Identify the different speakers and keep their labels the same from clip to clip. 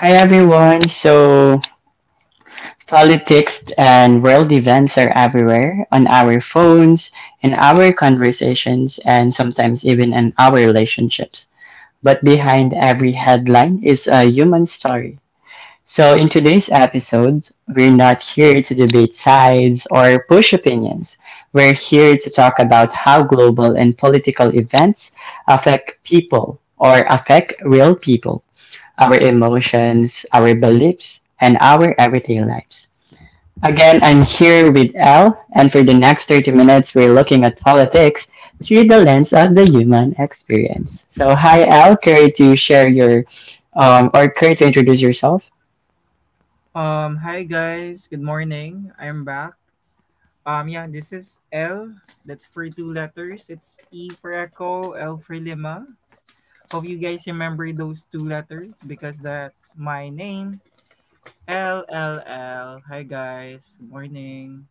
Speaker 1: Hi everyone. So politics and world events are everywhere on our phones, in our conversations, and sometimes even in our relationships. But behind every headline is a human story. So in today's episode, we're not here to debate sides or push opinions. We're here to talk about how global and political events affect real people, our emotions, our beliefs, and our everyday lives. Again, I'm here with Elle, and for the next 30 minutes, we're looking at politics through the lens of the human experience. So, hi, Elle. Care to introduce yourself?
Speaker 2: Hi guys, good morning. I'm back. Yeah, this is L. That's for two letters. It's E for Echo, L for Lima. Hope you guys remember those two letters because that's my name. LLL. Hi guys, good morning.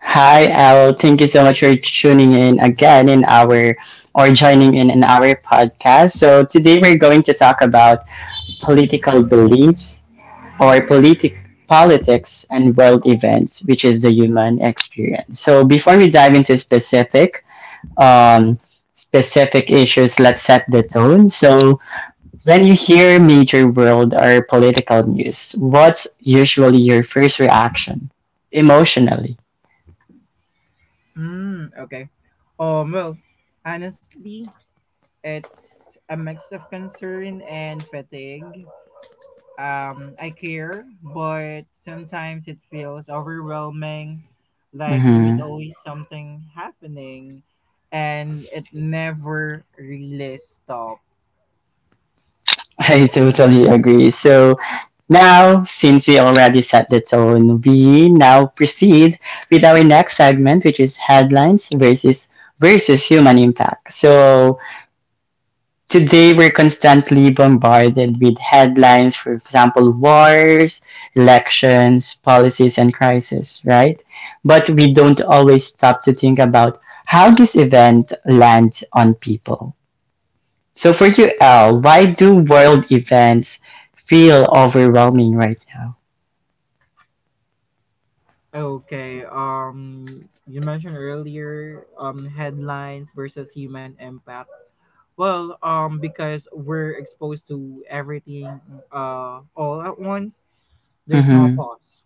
Speaker 1: Hi, Elle. Thank you so much for tuning in again in our, or joining in our podcast. So, today we're going to talk about political beliefs or politic politics and world events, which is the human experience. So before we dive into um, specific issues, let's set the tone. So when you hear major world or political news, what's usually your first reaction emotionally?
Speaker 2: Hmm. Okay. Well, honestly, it's a mix of concern and fatigue. I care, but sometimes it feels overwhelming, like there is
Speaker 1: Hmm.
Speaker 2: always something happening, and it never really stops.
Speaker 1: I totally agree. So now, since we already set the tone, we now proceed with our next segment, which is headlines versus human impact. So today we're constantly bombarded with headlines, for example, wars, elections, policies, and crises, right? But we don't always stop to think about how this event lands on people. So for you, Al, why do world events feel overwhelming right now?
Speaker 2: Okay, you mentioned earlier headlines versus human impact. Well, because we're exposed to everything all at once, there's no
Speaker 1: Mm-hmm.
Speaker 2: pause,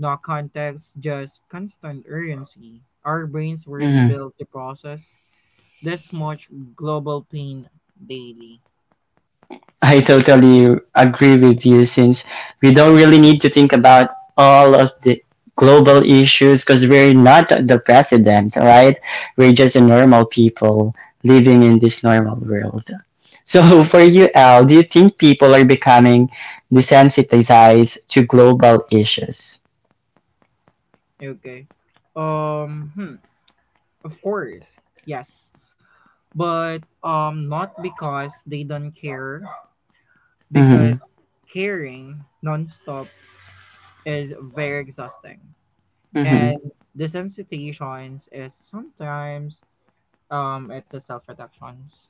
Speaker 2: no context, just constant urgency. Our brains weren't
Speaker 1: Mm-hmm.
Speaker 2: built to process this much global pain daily.
Speaker 1: I totally agree with you, since we don't really need to think about all of the global issues because we're not the president, right? We're just a normal people living in this normal world. So for you, Al, do you think people are becoming desensitized to global issues?
Speaker 2: Okay. Um hmm, of course. Yes. But not because they don't care, because
Speaker 1: Mm-hmm.
Speaker 2: caring nonstop is very exhausting.
Speaker 1: Mm-hmm.
Speaker 2: And desensitizations is sometimes it's a self reductions.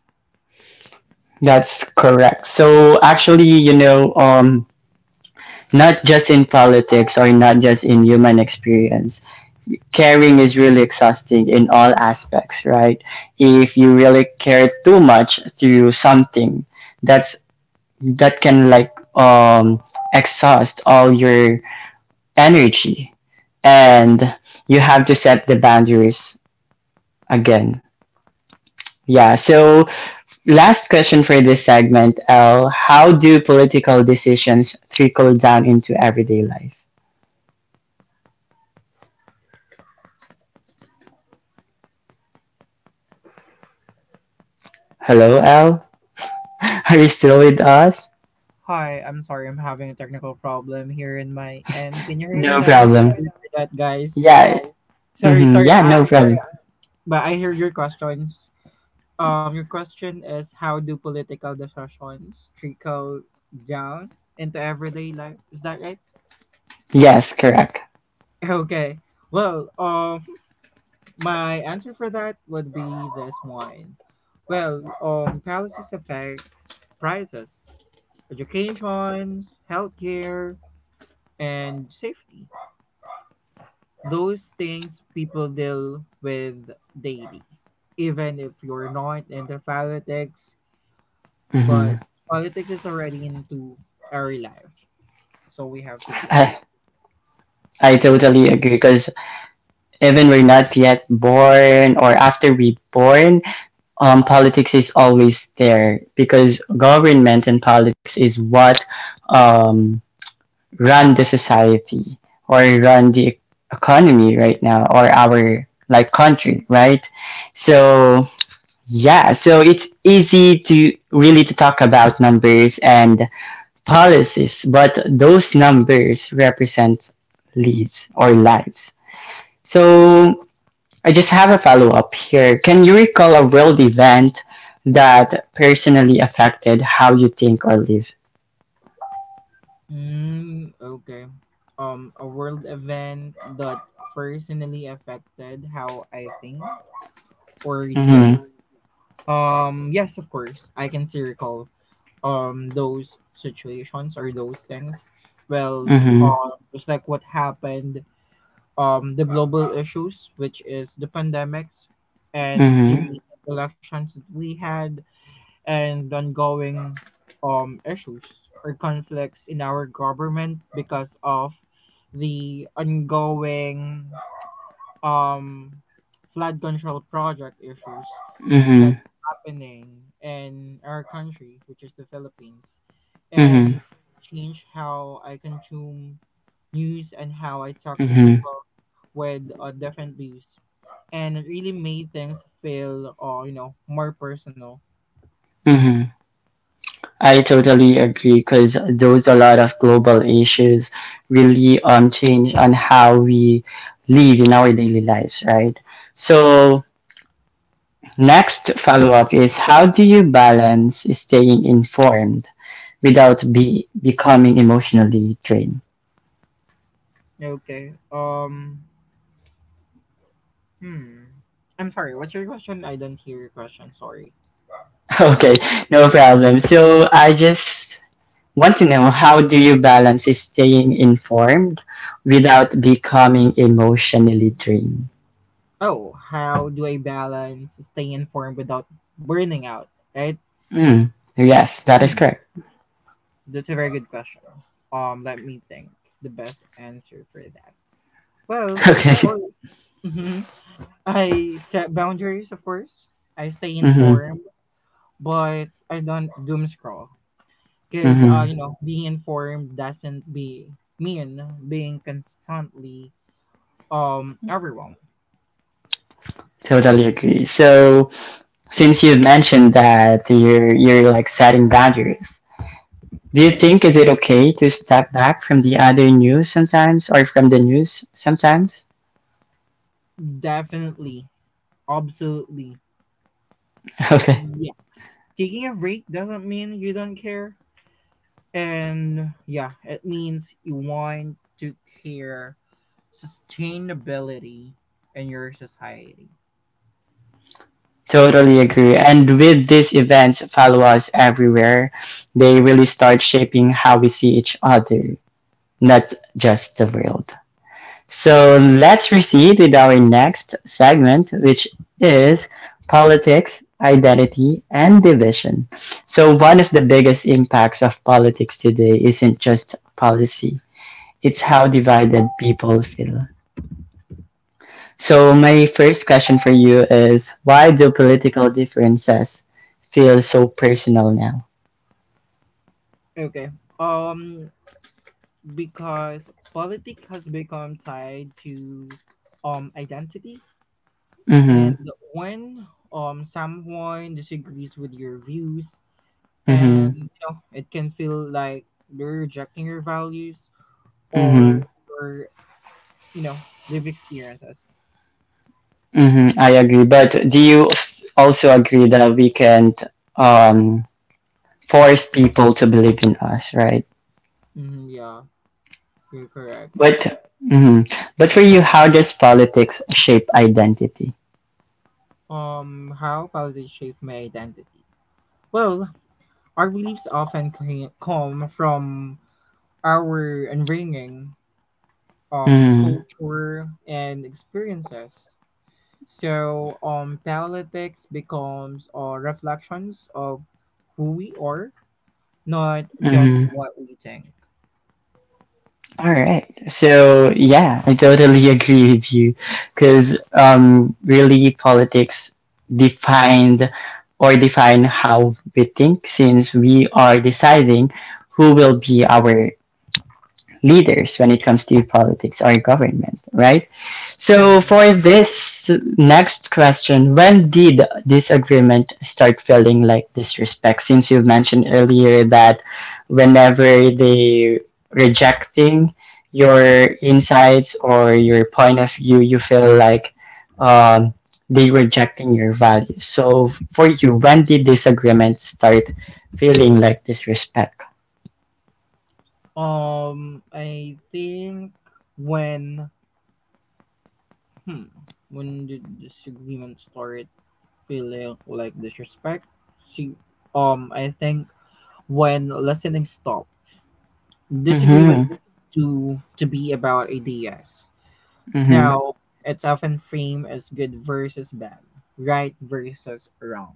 Speaker 1: That's correct. So actually, you know, not just in politics or not just in human experience, caring is really exhausting in all aspects, right? If you really care too much through something, that's that can exhaust all your energy, and you have to set the boundaries again. Yeah. So last question for this segment, L. How do political decisions trickle down into everyday life? Hello, L. Are you still with us?
Speaker 2: Hi, I'm sorry, I'm having a technical problem here in my end. Can you hear me
Speaker 1: No
Speaker 2: now?
Speaker 1: problem.
Speaker 2: Sorry for that, guys.
Speaker 1: Yeah.
Speaker 2: Sorry,
Speaker 1: Mm-hmm.
Speaker 2: sorry,
Speaker 1: Yeah,
Speaker 2: I,
Speaker 1: no problem.
Speaker 2: but I hear your questions. Your question is how do political discussions trickle down into everyday life? Is that right?
Speaker 1: Yes, correct.
Speaker 2: Okay. Well, my answer for that would be this one. Well, policies affect prices, educations, healthcare, and safety. Those things people deal with daily. Even if you're not into politics, but
Speaker 1: Mm-hmm.
Speaker 2: politics is already into our life. So we have to deal with it.
Speaker 1: I, I totally agree because even we're not yet born or after we are born, politics is always there because government and politics is what, um, run the society or run the economy right now or our like country, right? So yeah, so it's easy to really to talk about numbers and policies, but those numbers represent lives. So I just have a follow up here. Can you recall a world event that personally affected how you think or live?
Speaker 2: Mm, okay. A world event that personally affected how I think or live.
Speaker 1: Mm-hmm.
Speaker 2: Yes, of course, I can still recall those situations or those things. Well,
Speaker 1: Mm-hmm.
Speaker 2: just like what happened, the global issues, which is the pandemics, and the
Speaker 1: Mm-hmm.
Speaker 2: recent elections that we had, and ongoing issues or conflicts in our government because of the ongoing um, flood control project issues that's
Speaker 1: Mm-hmm.
Speaker 2: happening in our country, which is the Philippines, and
Speaker 1: Mm-hmm.
Speaker 2: change how I consume news and how I talk to
Speaker 1: Mm-hmm.
Speaker 2: people with different views. And it really made things feel, you know, more personal.
Speaker 1: Mm-hmm. I totally agree because those a lot of global issues really change on how we live in our daily lives, right? So next follow up is how do you balance staying informed without be becoming emotionally drained?
Speaker 2: Okay. Hmm. I'm sorry. What's your question? I don't hear your question. Sorry.
Speaker 1: Okay, no problem. So I just want to know how do you balance staying informed without becoming emotionally drained?
Speaker 2: Oh, how do I balance staying informed without burning out? Right.
Speaker 1: Mm, yes, that is
Speaker 2: Hmm.
Speaker 1: correct.
Speaker 2: That's a very good question. Let me think. The best answer for that. Well, of
Speaker 1: Okay.
Speaker 2: course. Hmm, I set boundaries. Of course. I stay
Speaker 1: Mm. Mm-hmm.
Speaker 2: informed, but I don't doom scroll because
Speaker 1: Mm-hmm.
Speaker 2: you know being informed doesn't be mean being constantly everyone.
Speaker 1: Totally agree. So, since you mentioned that you're like setting boundaries, do you think is it okay to step back from the news sometimes?
Speaker 2: Definitely, absolutely
Speaker 1: Okay.
Speaker 2: yes, taking a break doesn't mean you don't care, and yeah it means you want to care sustainability in your society.
Speaker 1: Totally agree. And with these events follow us everywhere, they really start shaping how we see each other, not just the world. So
Speaker 2: Mm.
Speaker 1: let's proceed with our next segment, which is politics, identity, and division. So one of the biggest impacts of politics today isn't just policy, it's how divided people feel. So my first question for you is why do political differences feel so personal now?
Speaker 2: Okay. um because politics has become tied to identity,
Speaker 1: Mm-hmm.
Speaker 2: and when someone disagrees with your views, and
Speaker 1: Mm-hmm.
Speaker 2: you know it can feel like you're rejecting your values or
Speaker 1: Mm-hmm.
Speaker 2: your, you know, live experiences.
Speaker 1: Mm-hmm. I agree. But do you also agree that we can't um force people to believe in us, right?
Speaker 2: Yeah, you're correct.
Speaker 1: But mhm. But for you, how does politics shape identity?
Speaker 2: How politics shape my identity. Well, our beliefs often come from our upbringing,
Speaker 1: Mm,
Speaker 2: culture and experiences. So politics becomes reflections of who we are, not just
Speaker 1: mm.
Speaker 2: what we think.
Speaker 1: All right. So yeah, I totally agree with you, because really politics defined define how we think, since we are deciding who will be our leaders when it comes to politics or government, right? So
Speaker 2: Mm-hmm.
Speaker 1: for this next question, when did this agreement start feeling like disrespect? Since you mentioned earlier that whenever they rejecting your insights or your point of view, you feel like um, they rejecting your values. So for you, when did this agreement start feeling like disrespect?
Speaker 2: I think when hmm when the disagreement started feeling like disrespect, see, I think when listening stopped, disagreement
Speaker 1: Mm-hmm.
Speaker 2: to be about ideas.
Speaker 1: Mm-hmm.
Speaker 2: Now it's often framed as good versus bad, right versus wrong.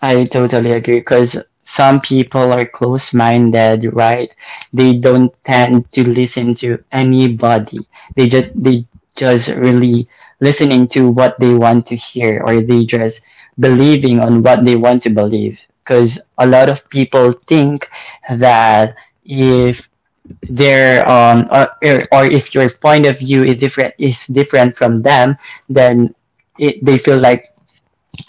Speaker 1: I totally agree because some people are close minded, right? They don't tend to listen to anybody. They just really listening to what they want to hear, or they just believing on what they want to believe. Because a lot of people think that if their or if your point of view is different from them, then they feel like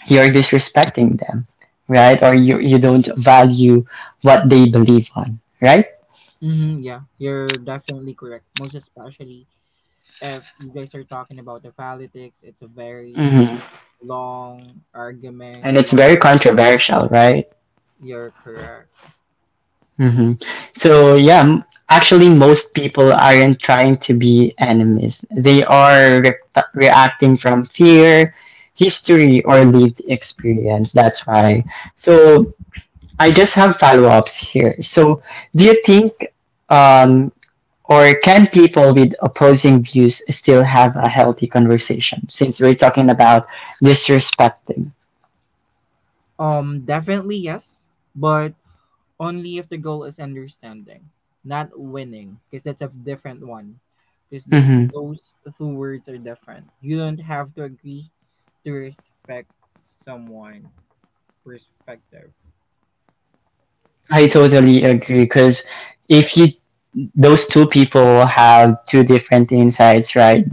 Speaker 1: you're disrespecting them, right? Or you don't value what they believe on, right?
Speaker 2: Mm-hmm, yeah, you're definitely correct. Most especially if you guys are talking about the politics, it's a very, you know,
Speaker 1: Hmm.
Speaker 2: long argument,
Speaker 1: And it's
Speaker 2: long.
Speaker 1: very controversial, right?
Speaker 2: You're correct.
Speaker 1: Hmm. So yeah, actually, most people aren't trying to be enemies. They are reacting from fear, history, or lived experience. That's why. So I just have follow ups here. So do you think? Um, Or can people with opposing views still have a healthy conversation? Since we're talking about disrespecting.
Speaker 2: Definitely yes, but only if the goal is understanding, not winning, because that's a different one. Because that
Speaker 1: Hmm.
Speaker 2: those two words are different. You don't have to agree to respect someone' perspective.
Speaker 1: I totally agree. Because if you those two people have two different insights, right?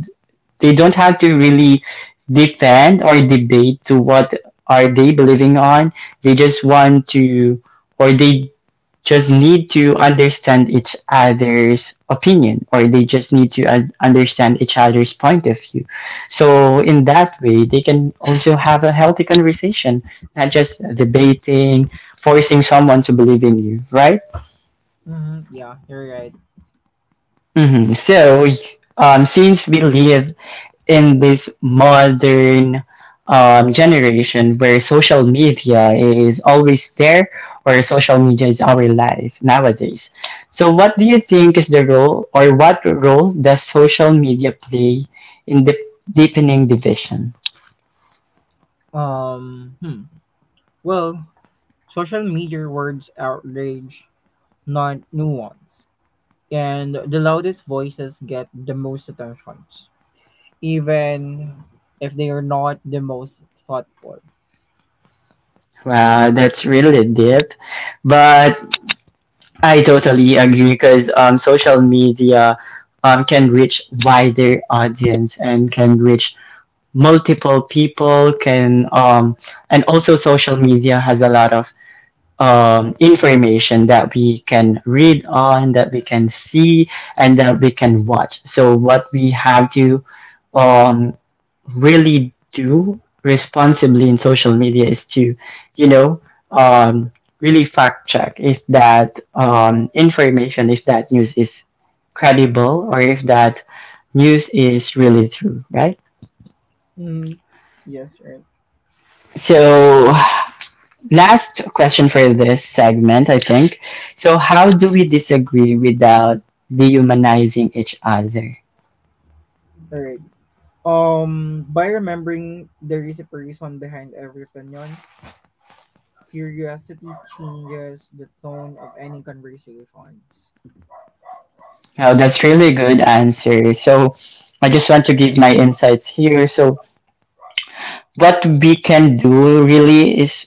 Speaker 1: They don't have to really defend or debate to what are they believing on. They just want to, or they just need to understand each other's opinion, or they just need to understand each other's point of view, so in that way they can also have a healthy conversation, not just debating, forcing someone to believe in you, right?
Speaker 2: Yeah, you're right.
Speaker 1: Hmm. So since we live in this modern, generation where social media is always there, or social media is our life nowadays. So what do you think is the role, or what role does social media play in the deepening division?
Speaker 2: Um, hmm. Well, social media words outrage not nuance. And the loudest voices get the most attention, even if they are not the most thoughtful.
Speaker 1: Wow, that's really deep. But I totally agree because social media, can reach wider audience and can reach multiple people can And also social media has a lot of information that we can read on, that we can see, and that we can watch. So what we have to um really do responsibly in social media is to, you know, um really fact check if that information, if that news is credible, or if that news is really true, right?
Speaker 2: Mm, yes, right.
Speaker 1: So last question for this segment, I think. So, how do we disagree without dehumanizing each other?
Speaker 2: Alright. By remembering there is a person behind every opinion, curiosity changes the tone of any conversations.
Speaker 1: Now, that's really good answer. So, I just want to give my insights here. So, what we can do really is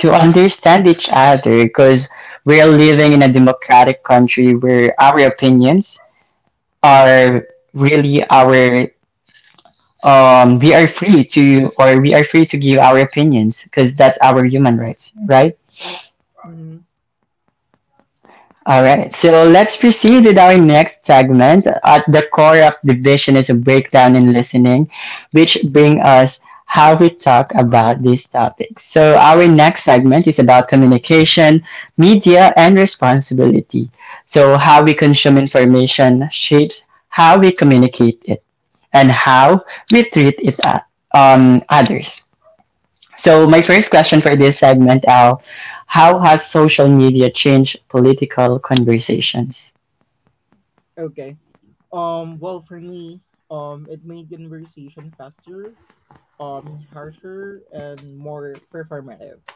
Speaker 1: to understand each other because we're living in a democratic country where our opinions are really our We are free to or we are free to give our opinions, because that's our human rights, right?
Speaker 2: Mhm.
Speaker 1: All right, so let's proceed with our next segment. At the core of division is a breakdown in listening, which bring us how we talk about these topics. So our next segment is about communication, media, and responsibility. So how we consume information shapes how we communicate it and how we treat others. So my first question for this segment, Al, how has social media changed political conversations?
Speaker 2: Okay. Well, for me, it made conversation faster, harsher, and more performative,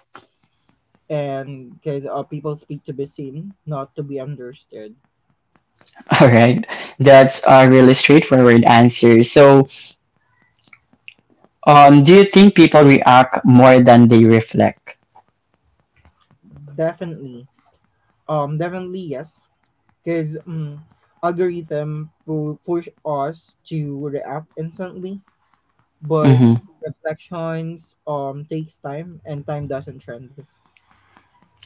Speaker 2: and because people speak to be seen, not to be understood.
Speaker 1: All right, that's a really straightforward answer. So, do you think people react more than they reflect?
Speaker 2: Definitely, definitely yes, because algorithm will push us to react instantly, but
Speaker 1: Mm-hmm.
Speaker 2: reflections takes time, and time doesn't trend.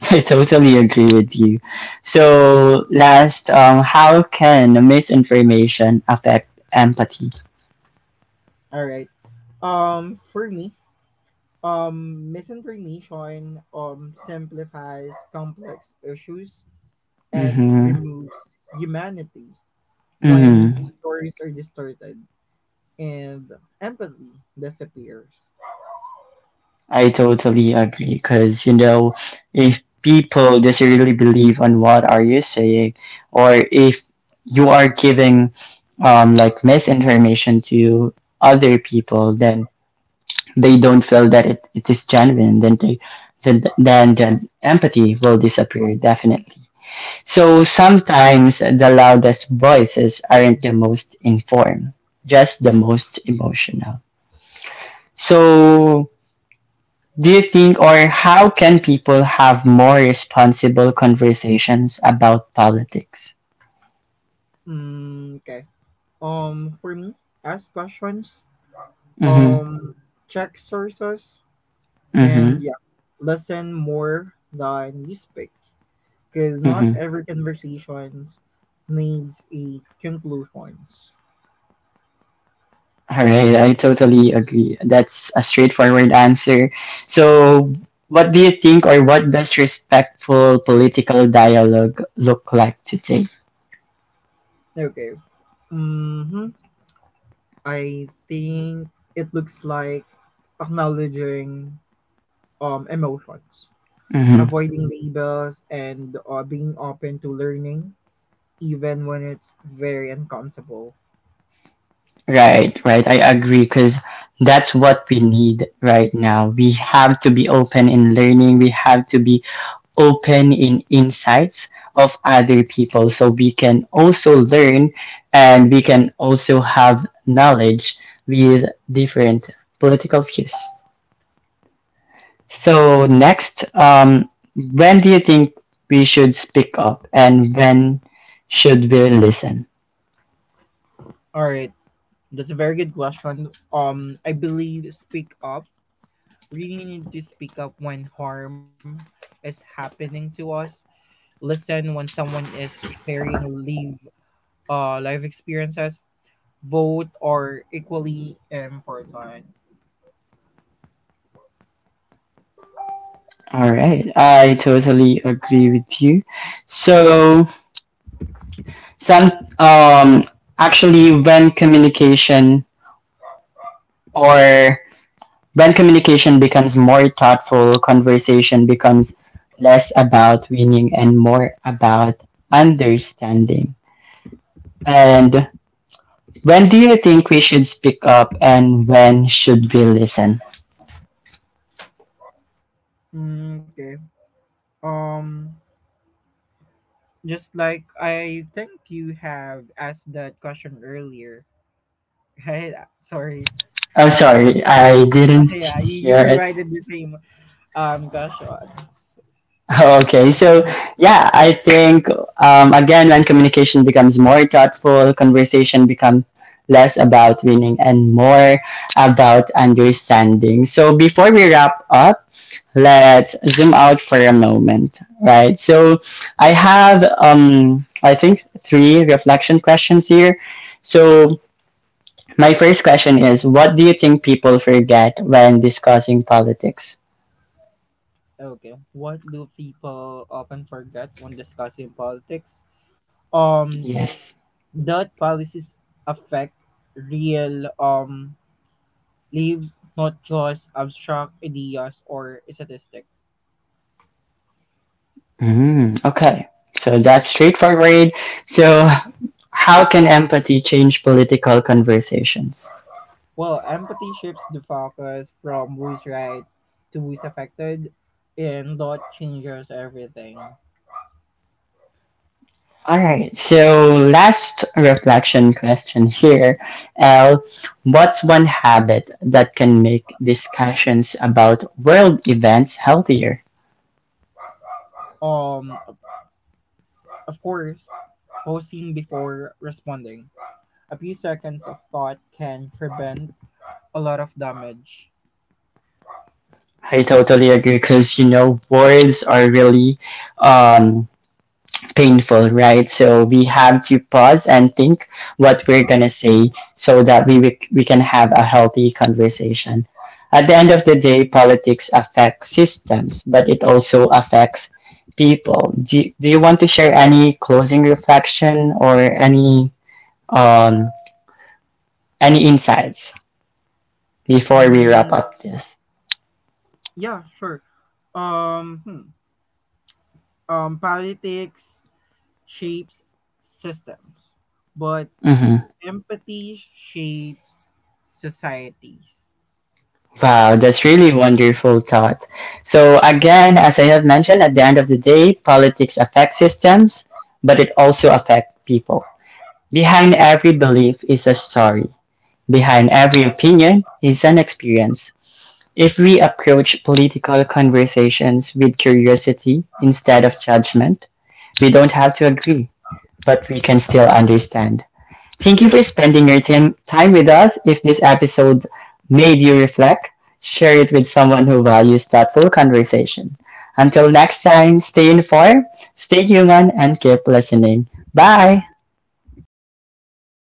Speaker 1: I totally agree with you. So, how can misinformation affect empathy?
Speaker 2: All right, for me, misinformation simplifies complex issues and
Speaker 1: Mm-hmm.
Speaker 2: removes humanity. When
Speaker 1: Mm-hmm.
Speaker 2: stories are distorted and empathy disappears.
Speaker 1: I totally agree because, you know, if people just really believe on what are you saying, or if you are giving misinformation to other people, then they don't feel that it is genuine, then they then the empathy will disappear definitely. So sometimes the loudest voices aren't the most informed, just the most emotional. So do you think, or how can people have more responsible conversations about politics?
Speaker 2: Mm, okay. For me, ask questions.
Speaker 1: Mm-hmm.
Speaker 2: Um, check sources,
Speaker 1: Mm-hmm.
Speaker 2: and yeah, listen more than you speak, because not
Speaker 1: Mm-hmm.
Speaker 2: every conversations needs a conclusions.
Speaker 1: All right, I totally agree. That's a straightforward answer. So, what do you think, or what does respectful political dialogue look like today?
Speaker 2: Okay. Mm-hmm. I think it looks like acknowledging emotions,
Speaker 1: Mm-hmm.
Speaker 2: avoiding labels, and being open to learning, even when it's very uncomfortable.
Speaker 1: Right, right. I agree because that's what we need right now. We have to be open in learning. We have to be open in insights of other people, so we can also learn and we can also have knowledge with different political views. So next, when do you think we should speak up, and when should we listen?
Speaker 2: All right, that's a very good question. I believe speak up. We need to speak up when harm is happening to us. Listen when someone is sharing live life experiences. Vote are equally important.
Speaker 1: All right, I totally agree with you. So some um actually when communication Or when communication becomes more thoughtful, conversation becomes less about winning and more about understanding. And when do you think we should speak up and when should we listen?
Speaker 2: Mm, okay. Um, just like I think you have asked that question earlier, right? Sorry.
Speaker 1: Oh, sorry, I didn't
Speaker 2: Yeah,
Speaker 1: hear
Speaker 2: you
Speaker 1: it.
Speaker 2: provided the same questions.
Speaker 1: Okay, so yeah, I think, again, when communication becomes more thoughtful, conversation becomes less about winning and more about understanding. So before we wrap up, let's zoom out for a moment, right? So I have, I think, 3 reflection questions here. So my first question is, what do you think people forget when discussing politics?
Speaker 2: Okay. What do people often forget when discussing politics? Um,
Speaker 1: Yes.
Speaker 2: that policies affect real lives, not just abstract ideas or statistics.
Speaker 1: Mm, okay, so that's straightforward. So, how can empathy change political conversations?
Speaker 2: Well, empathy shifts the focus from who's right to who's affected, and that changes everything.
Speaker 1: All right, so last reflection question here. L, what's one habit that can make discussions about world events healthier?
Speaker 2: Um, of course, pausing before responding. A few seconds of thought can prevent a lot of damage.
Speaker 1: I totally agree because, you know, words are really, um, painful, right? So we have to pause and think what we're gonna say so that we can have a healthy conversation. At the end of the day, politics affects systems, but it also affects people. Do you want to share any closing reflection or um any insights before we wrap
Speaker 2: Mm,
Speaker 1: up this?
Speaker 2: yeah, sure. Um, hmm. Politics shapes systems, but
Speaker 1: Mm-hmm.
Speaker 2: empathy shapes societies.
Speaker 1: Wow, that's really wonderful thought. So again, as I have mentioned, at the end of the day, politics affects systems, but it also affects people. Behind every belief is a story. Behind every opinion is an experience. If we approach political conversations with curiosity instead of judgment, we don't have to agree, but we can still understand. Thank you for spending your time with us. If this episode made you reflect, share it with someone who values thoughtful conversation. Until next time, stay informed, stay human, and keep listening. Bye!
Speaker 2: Bye, guys. Thank